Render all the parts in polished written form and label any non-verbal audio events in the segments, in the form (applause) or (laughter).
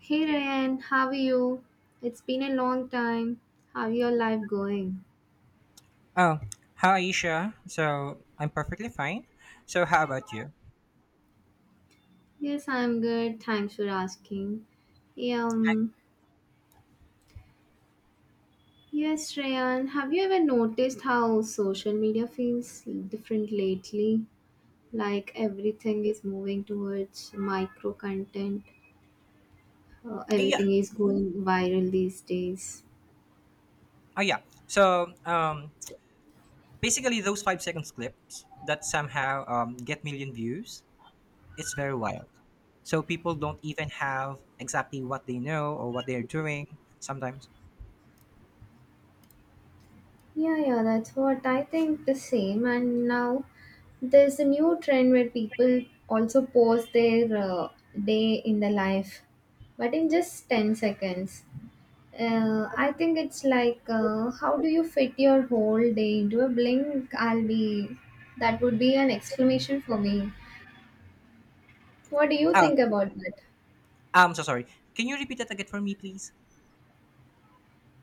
Hey Ryan, how are you? It's been a long time. How your life going? Oh, hi Aisha. So I'm perfectly fine. So how about you? Yes, I'm good. Thanks for asking. Um, yes, Ryan, have you ever noticed how social media feels different lately? Like everything is moving towards micro content. Yeah. Everything is going viral these days. Oh yeah. So basically those 5 seconds clips that somehow get million views. It's very wild. So people don't even have exactly what they know or what they're doing sometimes. Yeah, yeah, that's what I think the same. And now there's a new trend where people also post their day in the life, but in just 10 seconds. I think it's like, how do you fit your whole day into a blink? That would be an exclamation for me. What do you Ah, think about that? I'm so sorry. Can you repeat that again for me, please?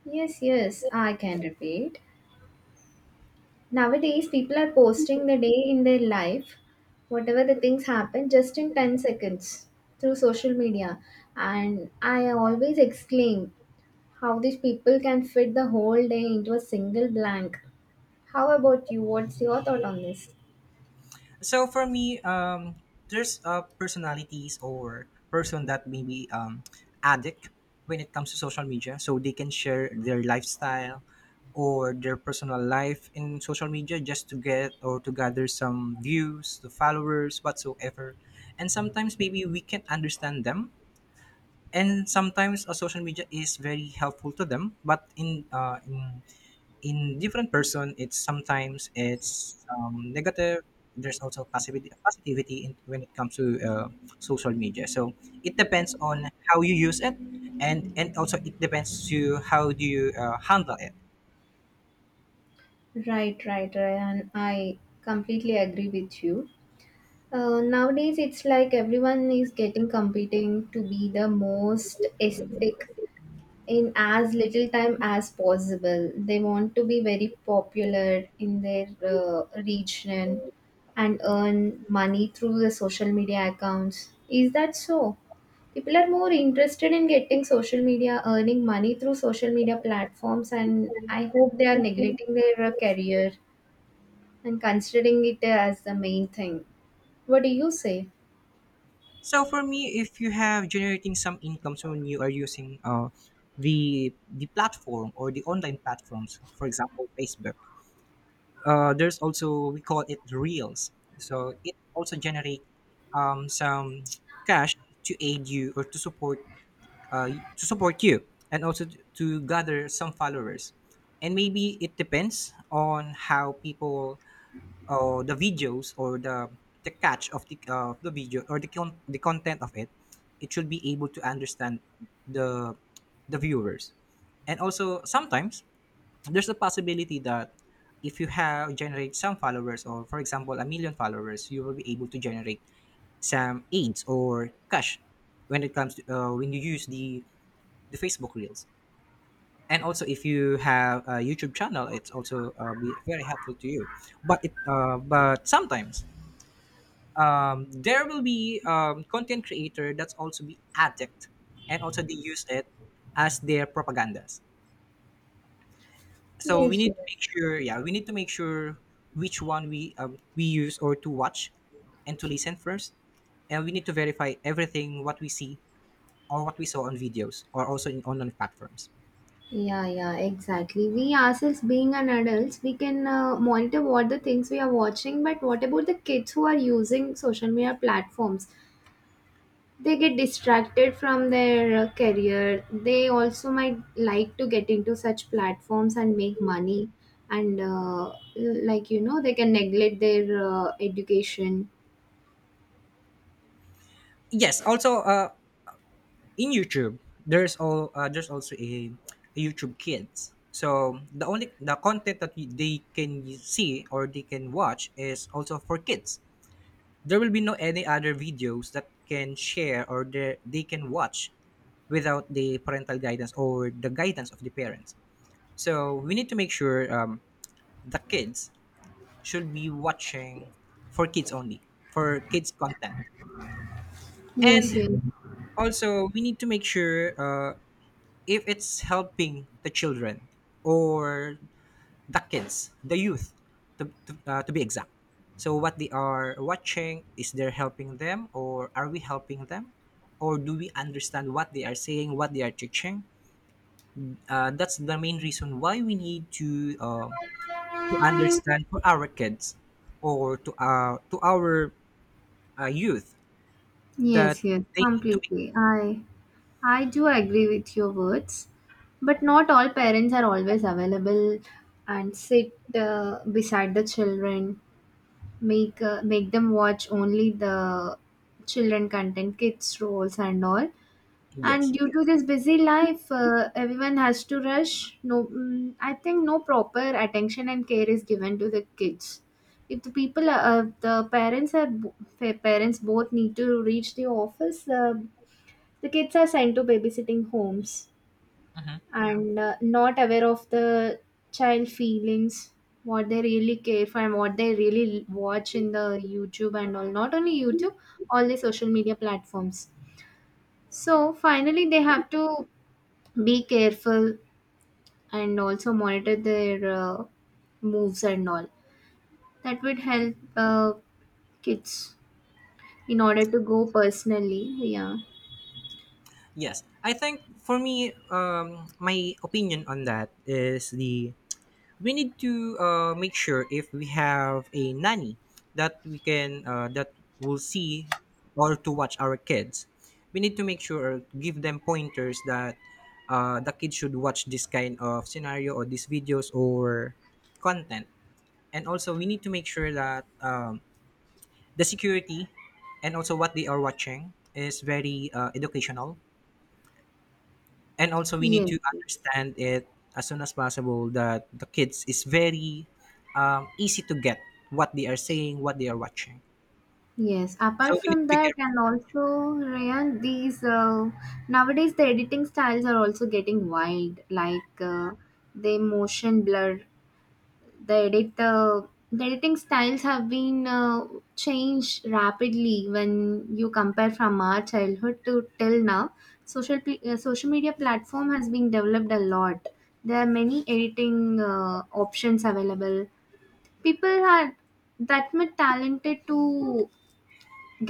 Yes, yes, I can repeat. Nowadays, people are posting the day in their life, whatever the things happen, just in 10 seconds through social media. And I always exclaim how these people can fit the whole day into a single blank. How about you? What's your thought on this? So for me, there's personalities or person that maybe addict when it comes to social media. So they can share their lifestyle or their personal life in social media just to get or to gather some views, the followers, whatsoever. And sometimes maybe we can understand them. And sometimes social media is very helpful to them, but in different person, it's sometimes it's negative. There's also passivity, positivity in, when it comes to social media, so it depends on how you use it, and also it depends to how do you handle it. Right, right, Ryan. I completely agree with you. Nowadays, it's like everyone is getting competing to be the most aesthetic in as little time as possible. They want to be very popular in their region and earn money through the social media accounts. Is that so? People are more interested in getting social media, earning money through social media platforms, and I hope they are neglecting their career and considering it as the main thing. What do you say? So for me, if you have generating some incomes when you are using the platform or the online platforms, for example Facebook, there's also we call it reels, so it also generate some cash to aid you or to support you, and also to gather some followers. And maybe it depends on how people or the videos or the catch of the video or the content of it. It should be able to understand the the viewers. And also sometimes there's a possibility that if you have generate some followers, or for example a million followers, you will be able to generate some aids or cash when it comes to when you use the Facebook reels. And also if you have a YouTube channel, it's also be very helpful to you. But it but sometimes, there will be content creator that's also be addict, and also they use it as their propagandas. So we Yes, need to yes. make sure, yeah, we need to make sure which one we use or to watch and to listen first, and we need to verify everything what we see or what we saw on videos or also in online platforms. Yeah, yeah, exactly. We ourselves being an adults, we can monitor what the things we are watching, but what about the kids who are using social media platforms? They get distracted from their career. They also might like to get into such platforms and make money. And, like, you know, they can neglect their education. Yes, also in YouTube there's also a YouTube Kids, so the only the content that they can see or they can watch is also for kids. There will be no any other videos that can share, or they can watch without the parental guidance or the guidance of the parents. So we need to make sure the kids should be watching for kids only, for kids content. Yes, And yes. also, we need to make sure if it's helping the children or the kids, the youth, to be exact. So what they are watching, is they're helping them, or are we helping them, or do we understand what they are saying, what they are teaching? That's the main reason why we need to to understand for our kids, or to our youth, that Yes, yes, they need to be. completely. I do agree with your words, but not all parents are always available and sit beside the children, make them watch only the children content, kids roles and all, and Yes. due to this busy life, everyone has to rush. No I think no proper attention and care is given to the kids if the parents are parents both need to reach the office. The kids are sent to babysitting homes Mhm. and not aware of the child feelings, what they really care for and what they really watch in the YouTube and all, not only YouTube, all the social media platforms. So finally, they have to be careful and also monitor their moves and all. That would help kids in order to go personally, yeah. Yes, I think for me, my opinion on that is the we need to make sure, if we have a nanny, that we can that will see or to watch our kids, we need to make sure or give them pointers that the kids should watch this kind of scenario or these videos or content. And also we need to make sure that the security, and also what they are watching is very educational, and also we need Yes, to yes. understand it as soon as possible, that the kids is very easy to get what they are saying, what they are watching. Yes, So apart we need from to be that, careful. and also Rayan, these nowadays the editing styles are also getting wild. Like they motion blur the edit uh, the editing styles have been changed rapidly when you compare from our childhood to till now. Social media platform has been developed a lot. There are many editing options available. People are that much talented to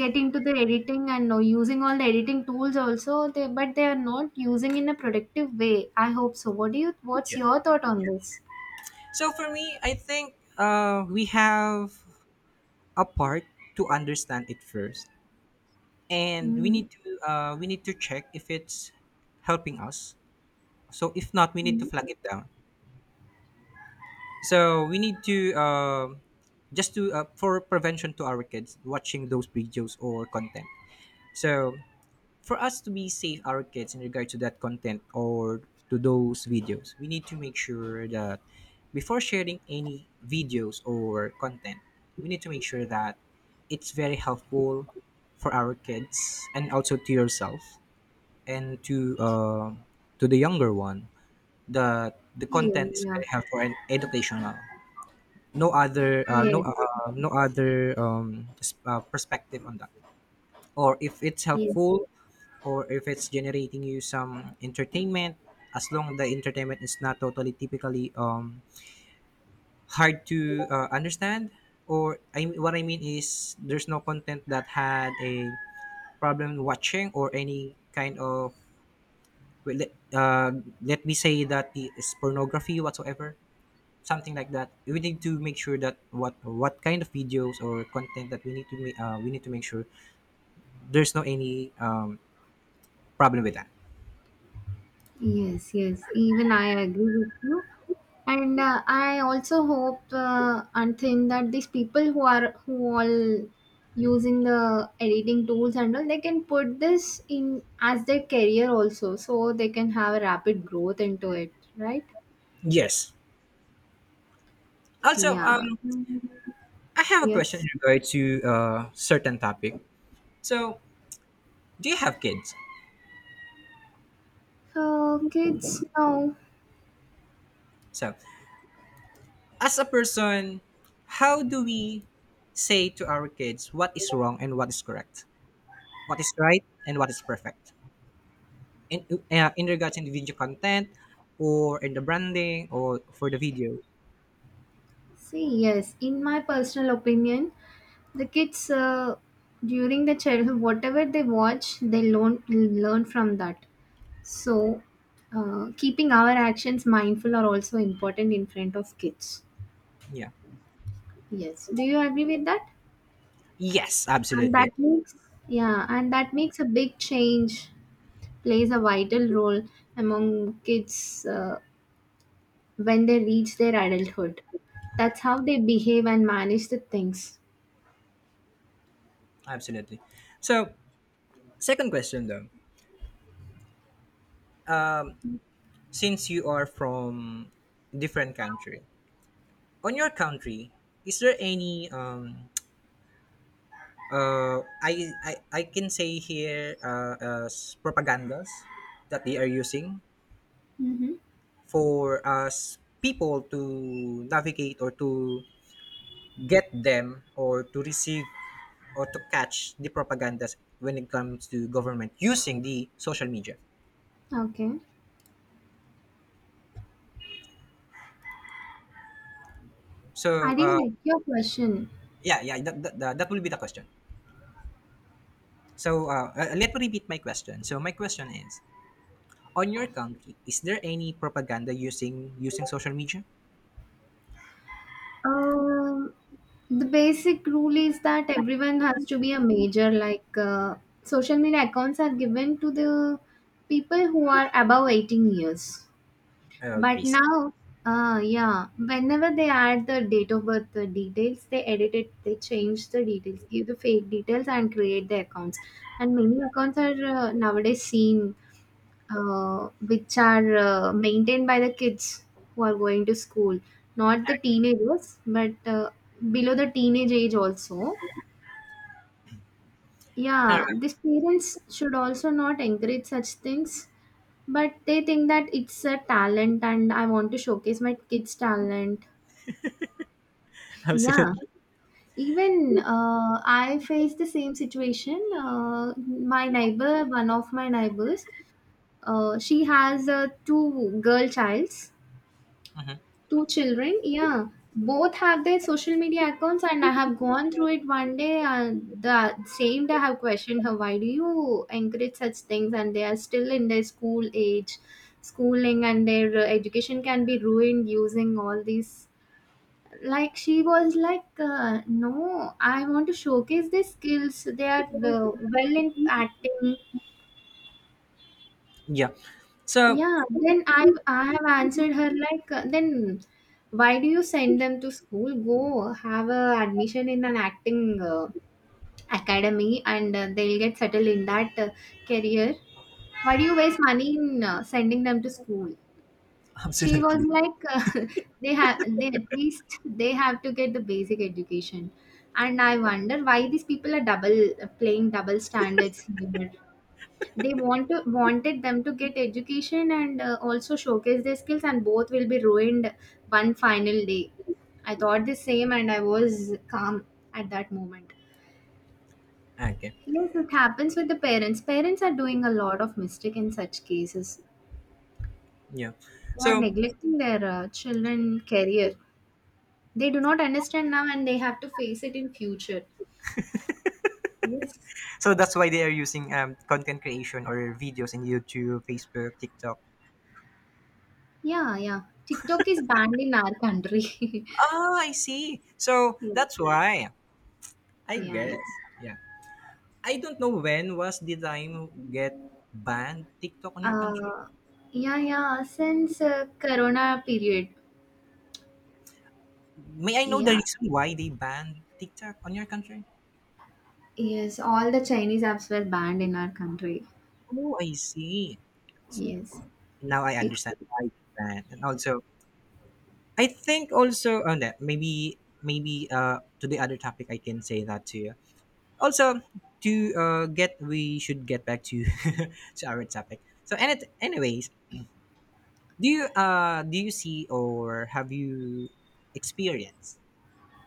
get into the editing and using all the editing tools also but they are not using in a productive way, I hope so. What's Yes. your thought on this? So for me, I think we have a part to understand it first, and we Mm-hmm. need to uh, we need to check if it's helping us. So if not, we need to flag it down. So we need to just to for prevention to our kids watching those videos or content. So for us to be safe our kids in regard to that content or to those videos, we need to make sure that before sharing any videos or content, we need to make sure that it's very helpful for our kids, and also to yourself, and to to the younger one, that the Yeah, content is yeah. very helpful and educational. no other uh, no Yes, uh, no other perspective on that, or if it's yes, yes, helpful, or if it's generating you some entertainment, as long the entertainment is not totally typically hard to understand, or, what I mean is, there's no content that had a problem watching or any kind of, well, let me say that it is pornography whatsoever. Something like that, we need to make sure that what kind of videos or content that we need to make we need to make sure there's no any problem with that. yes, yes. Even I agree with you. And I also hope and think that these people who all using the editing tools and all, they can put this in as their career also, so they can have a rapid growth into it, right? Yes, also, Yeah. Mm. I have a question Yes. in regard to a certain topic. So, do you have kids? So kids now, So, as a person, how do we say to our kids what is wrong and what is correct? What is right and what is perfect? In in regards to the video content, or in the branding, or for the video. see, yes, in my personal opinion, the kids, during the childhood, whatever they watch, they learn from that. So, keeping our actions mindful are also important in front of kids. Yeah. Yes. Do you agree with that? Yes, And absolutely. that makes Yeah, and that makes a big change. Plays a vital role among kids when they reach their adulthood. That's how they behave and manage the things. Absolutely. So, second question though. Since you are from different country, on your country, is there any, I can say here, as propagandas that they are using Mm-hmm. for us people to navigate or to get them or to receive or to catch the propagandas when it comes to government using the social media. Okay. I So didn't get your question. yeah, yeah, that will be the question. So let me repeat my question. So my question is, on your country, is there any propaganda using social media? Um, the basic rule is that everyone has to be a major. Like social media accounts are given to the people who are above 18 years. Oh, But I see. now, yeah, whenever they add the date of birth the details, they edit it, they change the details, give the fake details, and create the accounts. And many accounts are nowadays seen, which are maintained by the kids who are going to school, not the teenagers, but below the teenage age also. All Yeah, right. these parents should also not encourage such things, but they think that it's a talent and I want to showcase my kids' talent. (laughs) Yeah, Absolutely. even I faced the same situation. My neighbor, one of my neighbors, she has two girl childs. Mhm. Two children, yeah. Both have their social media accounts, and I have gone through it one day. And the same day, I have questioned her, why do you encourage such things? And they are still in their school age, schooling, and their education can be ruined using all these. Like, she was like, no, I want to showcase their skills. They are well in acting. Yeah. So Yeah, then I have answered her like, then why do you send them to school? Go have a admission in an acting academy and they'll get settled in that career. Why do you waste money in sending them to school? (laughs) She was absolutely. like, (laughs) they have, they at least they have to get the basic education. And I wonder why these people are double playing double standards here. They wanted them to get education and also showcase their skills, and both will be ruined one final day. I thought the same, and I was calm at that moment. Okay. Yes, it happens with the parents. Parents are doing a lot of mistake in such cases. Yeah. They are So neglecting their children career. They do not understand now, and they have to face it in future. Yes. so that's why they are using content creation or videos in YouTube, Facebook, TikTok. Yeah, yeah. TikTok is banned in our country. (laughs) Oh, I see. So yeah, that's why. I yeah, guess. yeah. Yeah. I don't know when was the time get banned TikTok on your country. Uh, yeah, yeah, since Corona period. May I know the Yeah, reason why they banned TikTok on your country? yes, all the Chinese apps were banned in our country. Oh, I see. Yes, Now I it's understand why they banned. And also, I think also on that, maybe to the other topic I can say that to you. Also, to get we should get back to (laughs) to our topic. So, and it, anyways, do you see, or have you experienced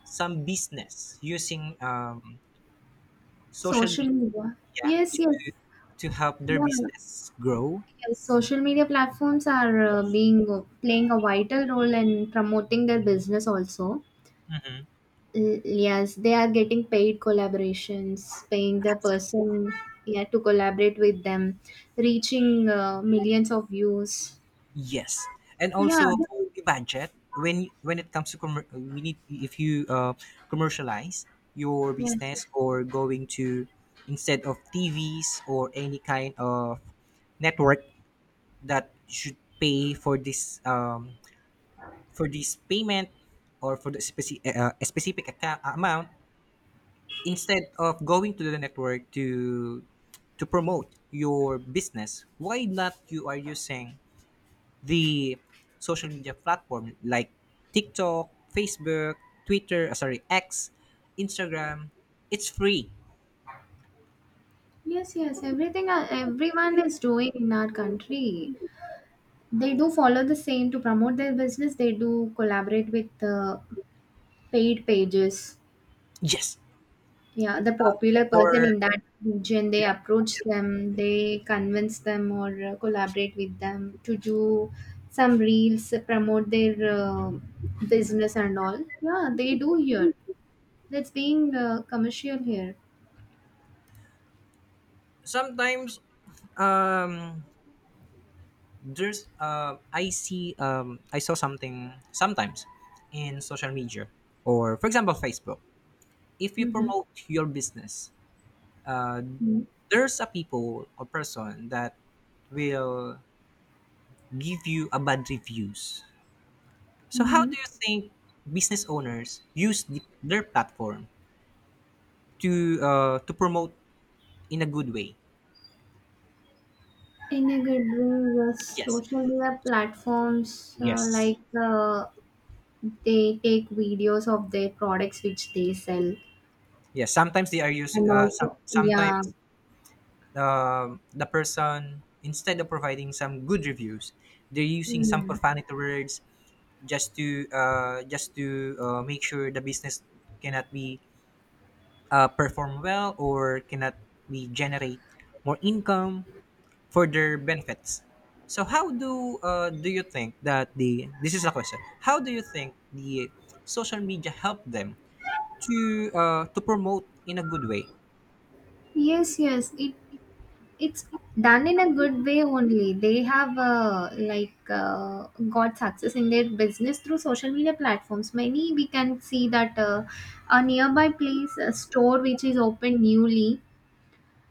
some business using social social media media. Yes, to yes, to help their yeah, business grow? yes. Social media platforms are being playing a vital role in promoting their business also. Mhm. Yes, they are getting paid collaborations, paying the person, yeah, to collaborate with them, reaching millions of views. Yes, and Yeah, also the budget, when it comes to we need, if you commercialize your yes. business, or going to, instead of TVs or any kind of network that should pay for this, for this payment, or for the a specific account, amount, instead of going to the network to promote your business, why not you are using the social media platform like TikTok, Facebook, Twitter, sorry, X, Instagram. It's free. Yes, yes, everything everyone is doing in our country. They do follow the same to promote their business. They do collaborate with the paid pages. Yes. Yeah, the popular person For in that region, they Yeah. approach them, they convince them or collaborate with them to do some reels, promote their business and all. Yeah, they do here. That's being commercial here. Sometimes, um there's, I see, I saw something sometimes in social media, or for example Facebook. If you Mm-hmm. promote your business, uh, Mm-hmm. there's a people or person that will give you a bad reviews. So how do you Mm-hmm. think business owners use their platform to to promote in a good way? In a good way, yes. Yes, Social media platforms, yes, they take videos of their products which they sell, yes. Sometimes they are used. and Uh, some, also, yeah. sometimes the person, instead of providing some good reviews, they're using some Mm. profanity words, just to make sure the business cannot be perform well, or cannot be generate more income for their benefits. So how do you think that the, this is a question. How do you think the social media help them to to promote in a good way? Yes, yes. It's done in a good way only. They have, got success in their business through social media platforms. Many we can see that a nearby place, a store which is opened newly.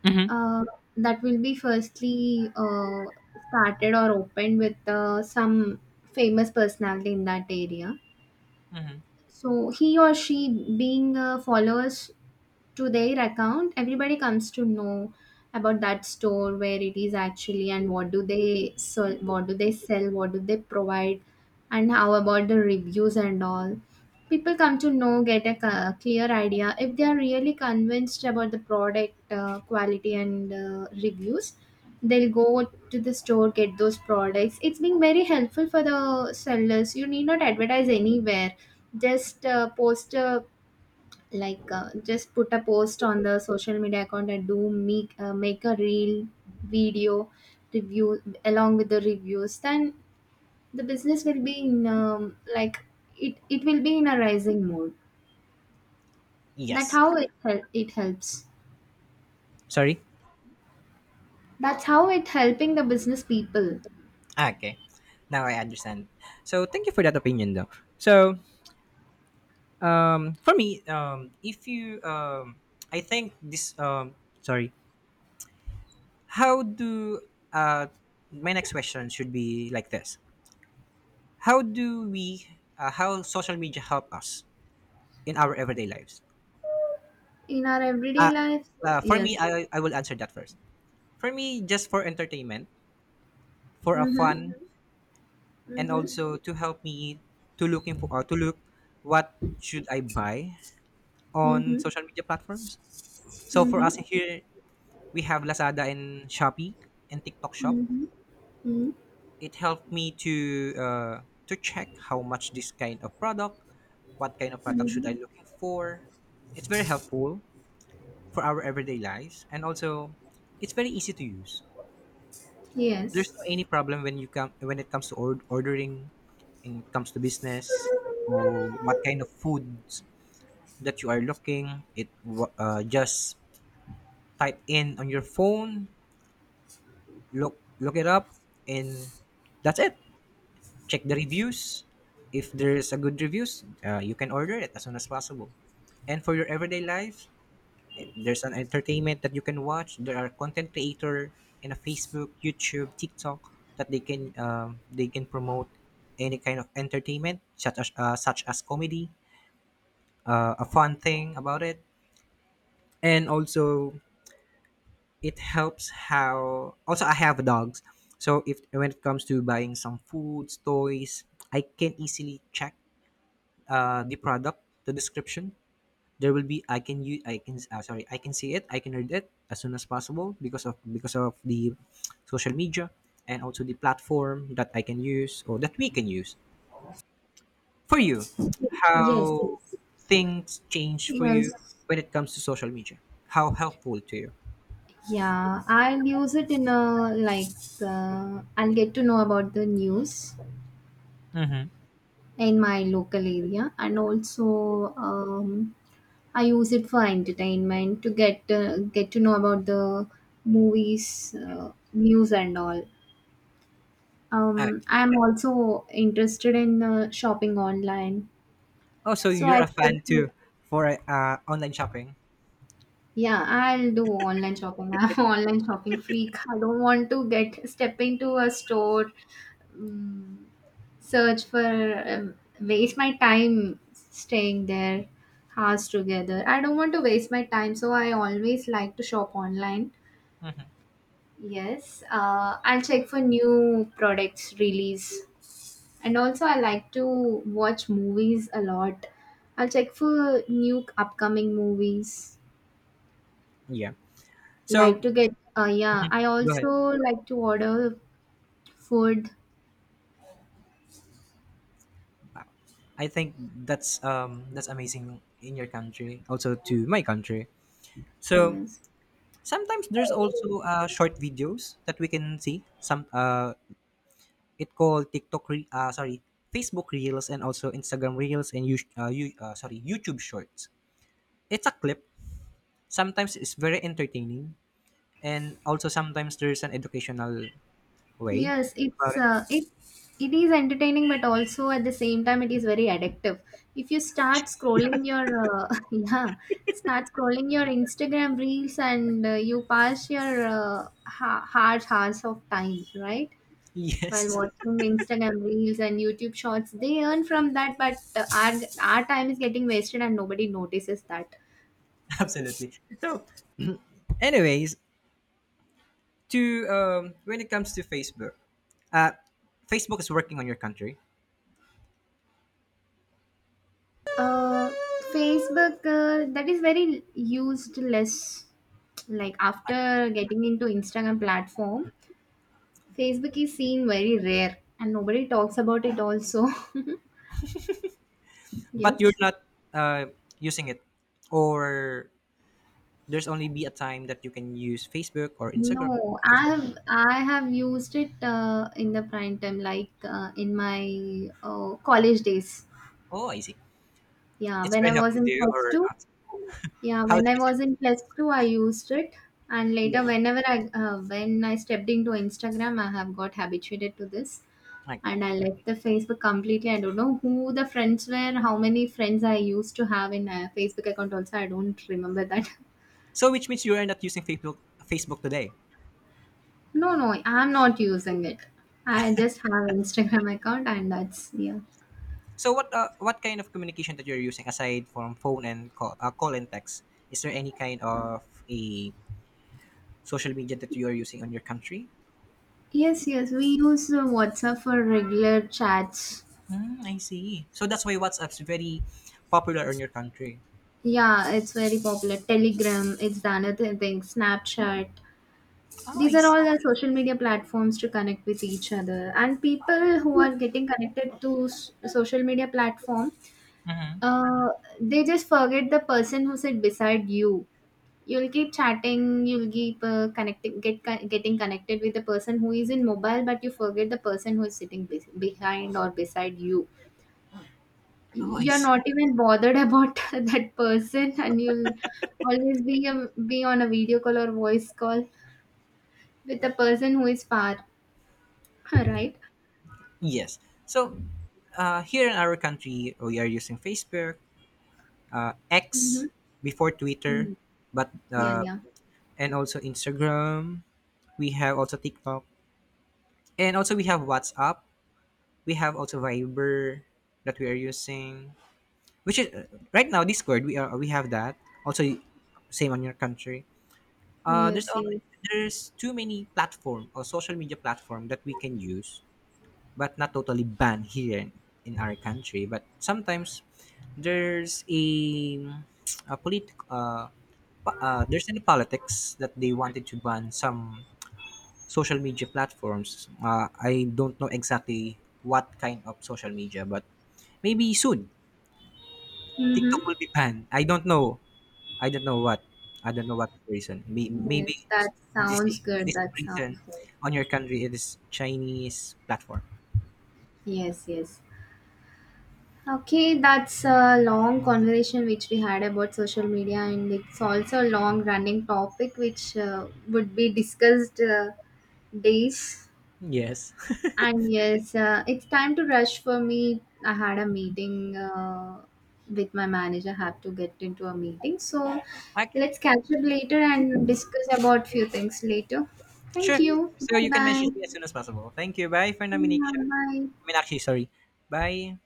Mm-hmm. Uh, that will be firstly started or opened with some famous personality in that area. Hmm. So he or she being followers to their account, everybody comes to know about that store, where it is actually and what do they sell, what do they provide, and how about the reviews and all. People come to know, get a clear idea. If they are really convinced about the product quality and reviews, they'll go to the store, get those products. It's been very helpful for the sellers. You need not advertise anywhere, just post a like just put a post on the social media account and do make a real video review along with the reviews. Then the business will be in it will be in a rising mode. That Yes. how it hel- it helps Sorry. that's how it helping the business people. Okay. Now I understand. So thank you for that opinion, though. So for me, if you, I think this. Sorry. How do uh, my next question should be like this. How do we, how social media help us in our everyday lives? In our everyday Uh, life, for yes. me, I will answer that first. For me, just for entertainment, for a Mhm, fun. Mhm. And mhm, also to help me to look what should I buy on mhm, social media platforms. So for mhm, us here, we have Lazada and Shopee and TikTok Shop. mhm, mhm, It helped me to to check how much this kind of product, what kind of product should mhm. I looking for. It's very helpful for our everyday lives, and also it's very easy to use. There's no Yes, any problem when it comes to ordering, and it comes to business or what kind of foods that you are looking. Just type in on your phone, look it up, and that's it. Check the reviews. If there's a good reviews, you can order it as soon as possible. And for your everyday life, there's an entertainment that you can watch. There are content creator in a Facebook, YouTube, TikTok that they can promote any kind of entertainment such as such as comedy, a fun thing about it. And also it helps how, also I have dogs, so if when it comes to buying some foods, toys, I can easily check the product, the description. There will be I can sorry I can read it as soon as possible, because of the social media, and also the platform that I can use or that we can use. For you, yes, how yes. things change for you Yes. when it comes to social media, how helpful to you? Yeah, I'll use it in a like, I'll get to know about the news Mm-hmm. in my local area, and also I use it for entertainment to get to know about the movies, news, and all. Okay. I'm also interested in shopping online, Oh, so so you're I a fan check. too for online shopping? Yeah, I'll do online shopping. (laughs) I'm an online shopping freak. I don't want to get step into a store, um, search for waste my time staying there hours together. I don't want to waste my time, so I always like to shop online. Yes, I'll check for new products release, and also I like to watch movies a lot. I'll check for new upcoming movies. Yeah. Like So to get, yeah, I go ahead. also like to order food. I think that's amazing in your country, also to my country. So Yes. sometimes there's also short videos that we can see. Some It called TikTok, Facebook Reels, and also Instagram Reels, and YouTube Shorts. It's a clip. Sometimes it's very entertaining, and also sometimes there's an educational way Yes, it's about it. (laughs) uh, it it is entertaining, but also at the same time it is very addictive. If you start scrolling your (laughs) yeah, start scrolling your Instagram reels and you pass your hard hours of time, right? While Yes, watching Instagram reels and YouTube shorts, they earn from that, but our our time is getting wasted and nobody notices that. (laughs) absolutely. So, anyways, to when it comes to Facebook, uh, Facebook is working on your country, Uh, Facebook, that is very used less. Like after getting into Instagram platform, Facebook is seen very rare and nobody talks about it also. (laughs) but you're yes. not uh, using it, or there's only be a time that you can use Facebook or Instagram No, I whatsoever. have I have used it in the prime time, like in my college days. Oh, I see. Yeah, It's when very I was helpful in to you plus or two, not? yeah, How when do I you say was this? in plus two, I used it, and Yeah. later whenever I when I stepped into Instagram, I have got habituated to this, Okay. and I left the Facebook completely. I don't know who the friends were, how many friends I used to have in a Facebook account. Also, I don't remember that. (laughs) So which means you are not using Facebook today. No, no, I'm not using it. I just have Instagram account, and that's yeah. So what kind of communication that you're using aside from phone and call, call and text? Is there any kind of a social media that you are using on your country? Yes, yes, we use WhatsApp for regular chats. Mm, I see. So that's why WhatsApp's very popular in your country. Yeah, it's very popular. Telegram, it's the another thing. Snapchat. Oh, These I are see. all the social media platforms to connect with each other. And people who are getting connected to social media platform, Hmm. uh, they just forget the person who sit beside you. You'll keep chatting. You'll keep get getting connected with the person who is in mobile, but you forget the person who is sitting bes behind or beside you. Oh, I You're see. not even bothered about (laughs) that person and you'll always be on a video call or voice call with the person who is far. (laughs) Right. Yes. So here in our country, we are using Facebook, Mm-hmm. X before Twitter, Hmm. but Yeah, yeah. and also Instagram. We have also TikTok, and also we have WhatsApp. We have also Viber that we are using, which is right now Discord. We have that also same on your country. Uh, there's Yes, yes. al- there's too many platform or social media platform that we can use, but not totally banned here in our country. But sometimes there's a a polit uh, there's any politics that they wanted to ban some social media platforms. I don't know exactly what kind of social media, but maybe soon Mm-hmm. TikTok will be banned. I don't know. I don't know what. I don't know what reason. Yes, Maybe it's that the sounds good, same that reason sounds good. on your country. It is Chinese platform. Yes, yes. Okay, that's a long conversation which we had about social media, and it's also a long running topic which would be discussed days. Yes. (laughs) And yes, it's time to rush for me. I had a meeting with my manager. Have to get into a meeting. So I can. let's catch up later and discuss about few things later. Thank Sure. you. So Bye you can bye. message me as soon as possible. Thank you. Bye for Naminakshi. Bye bye. Meenakshi, sorry. Bye.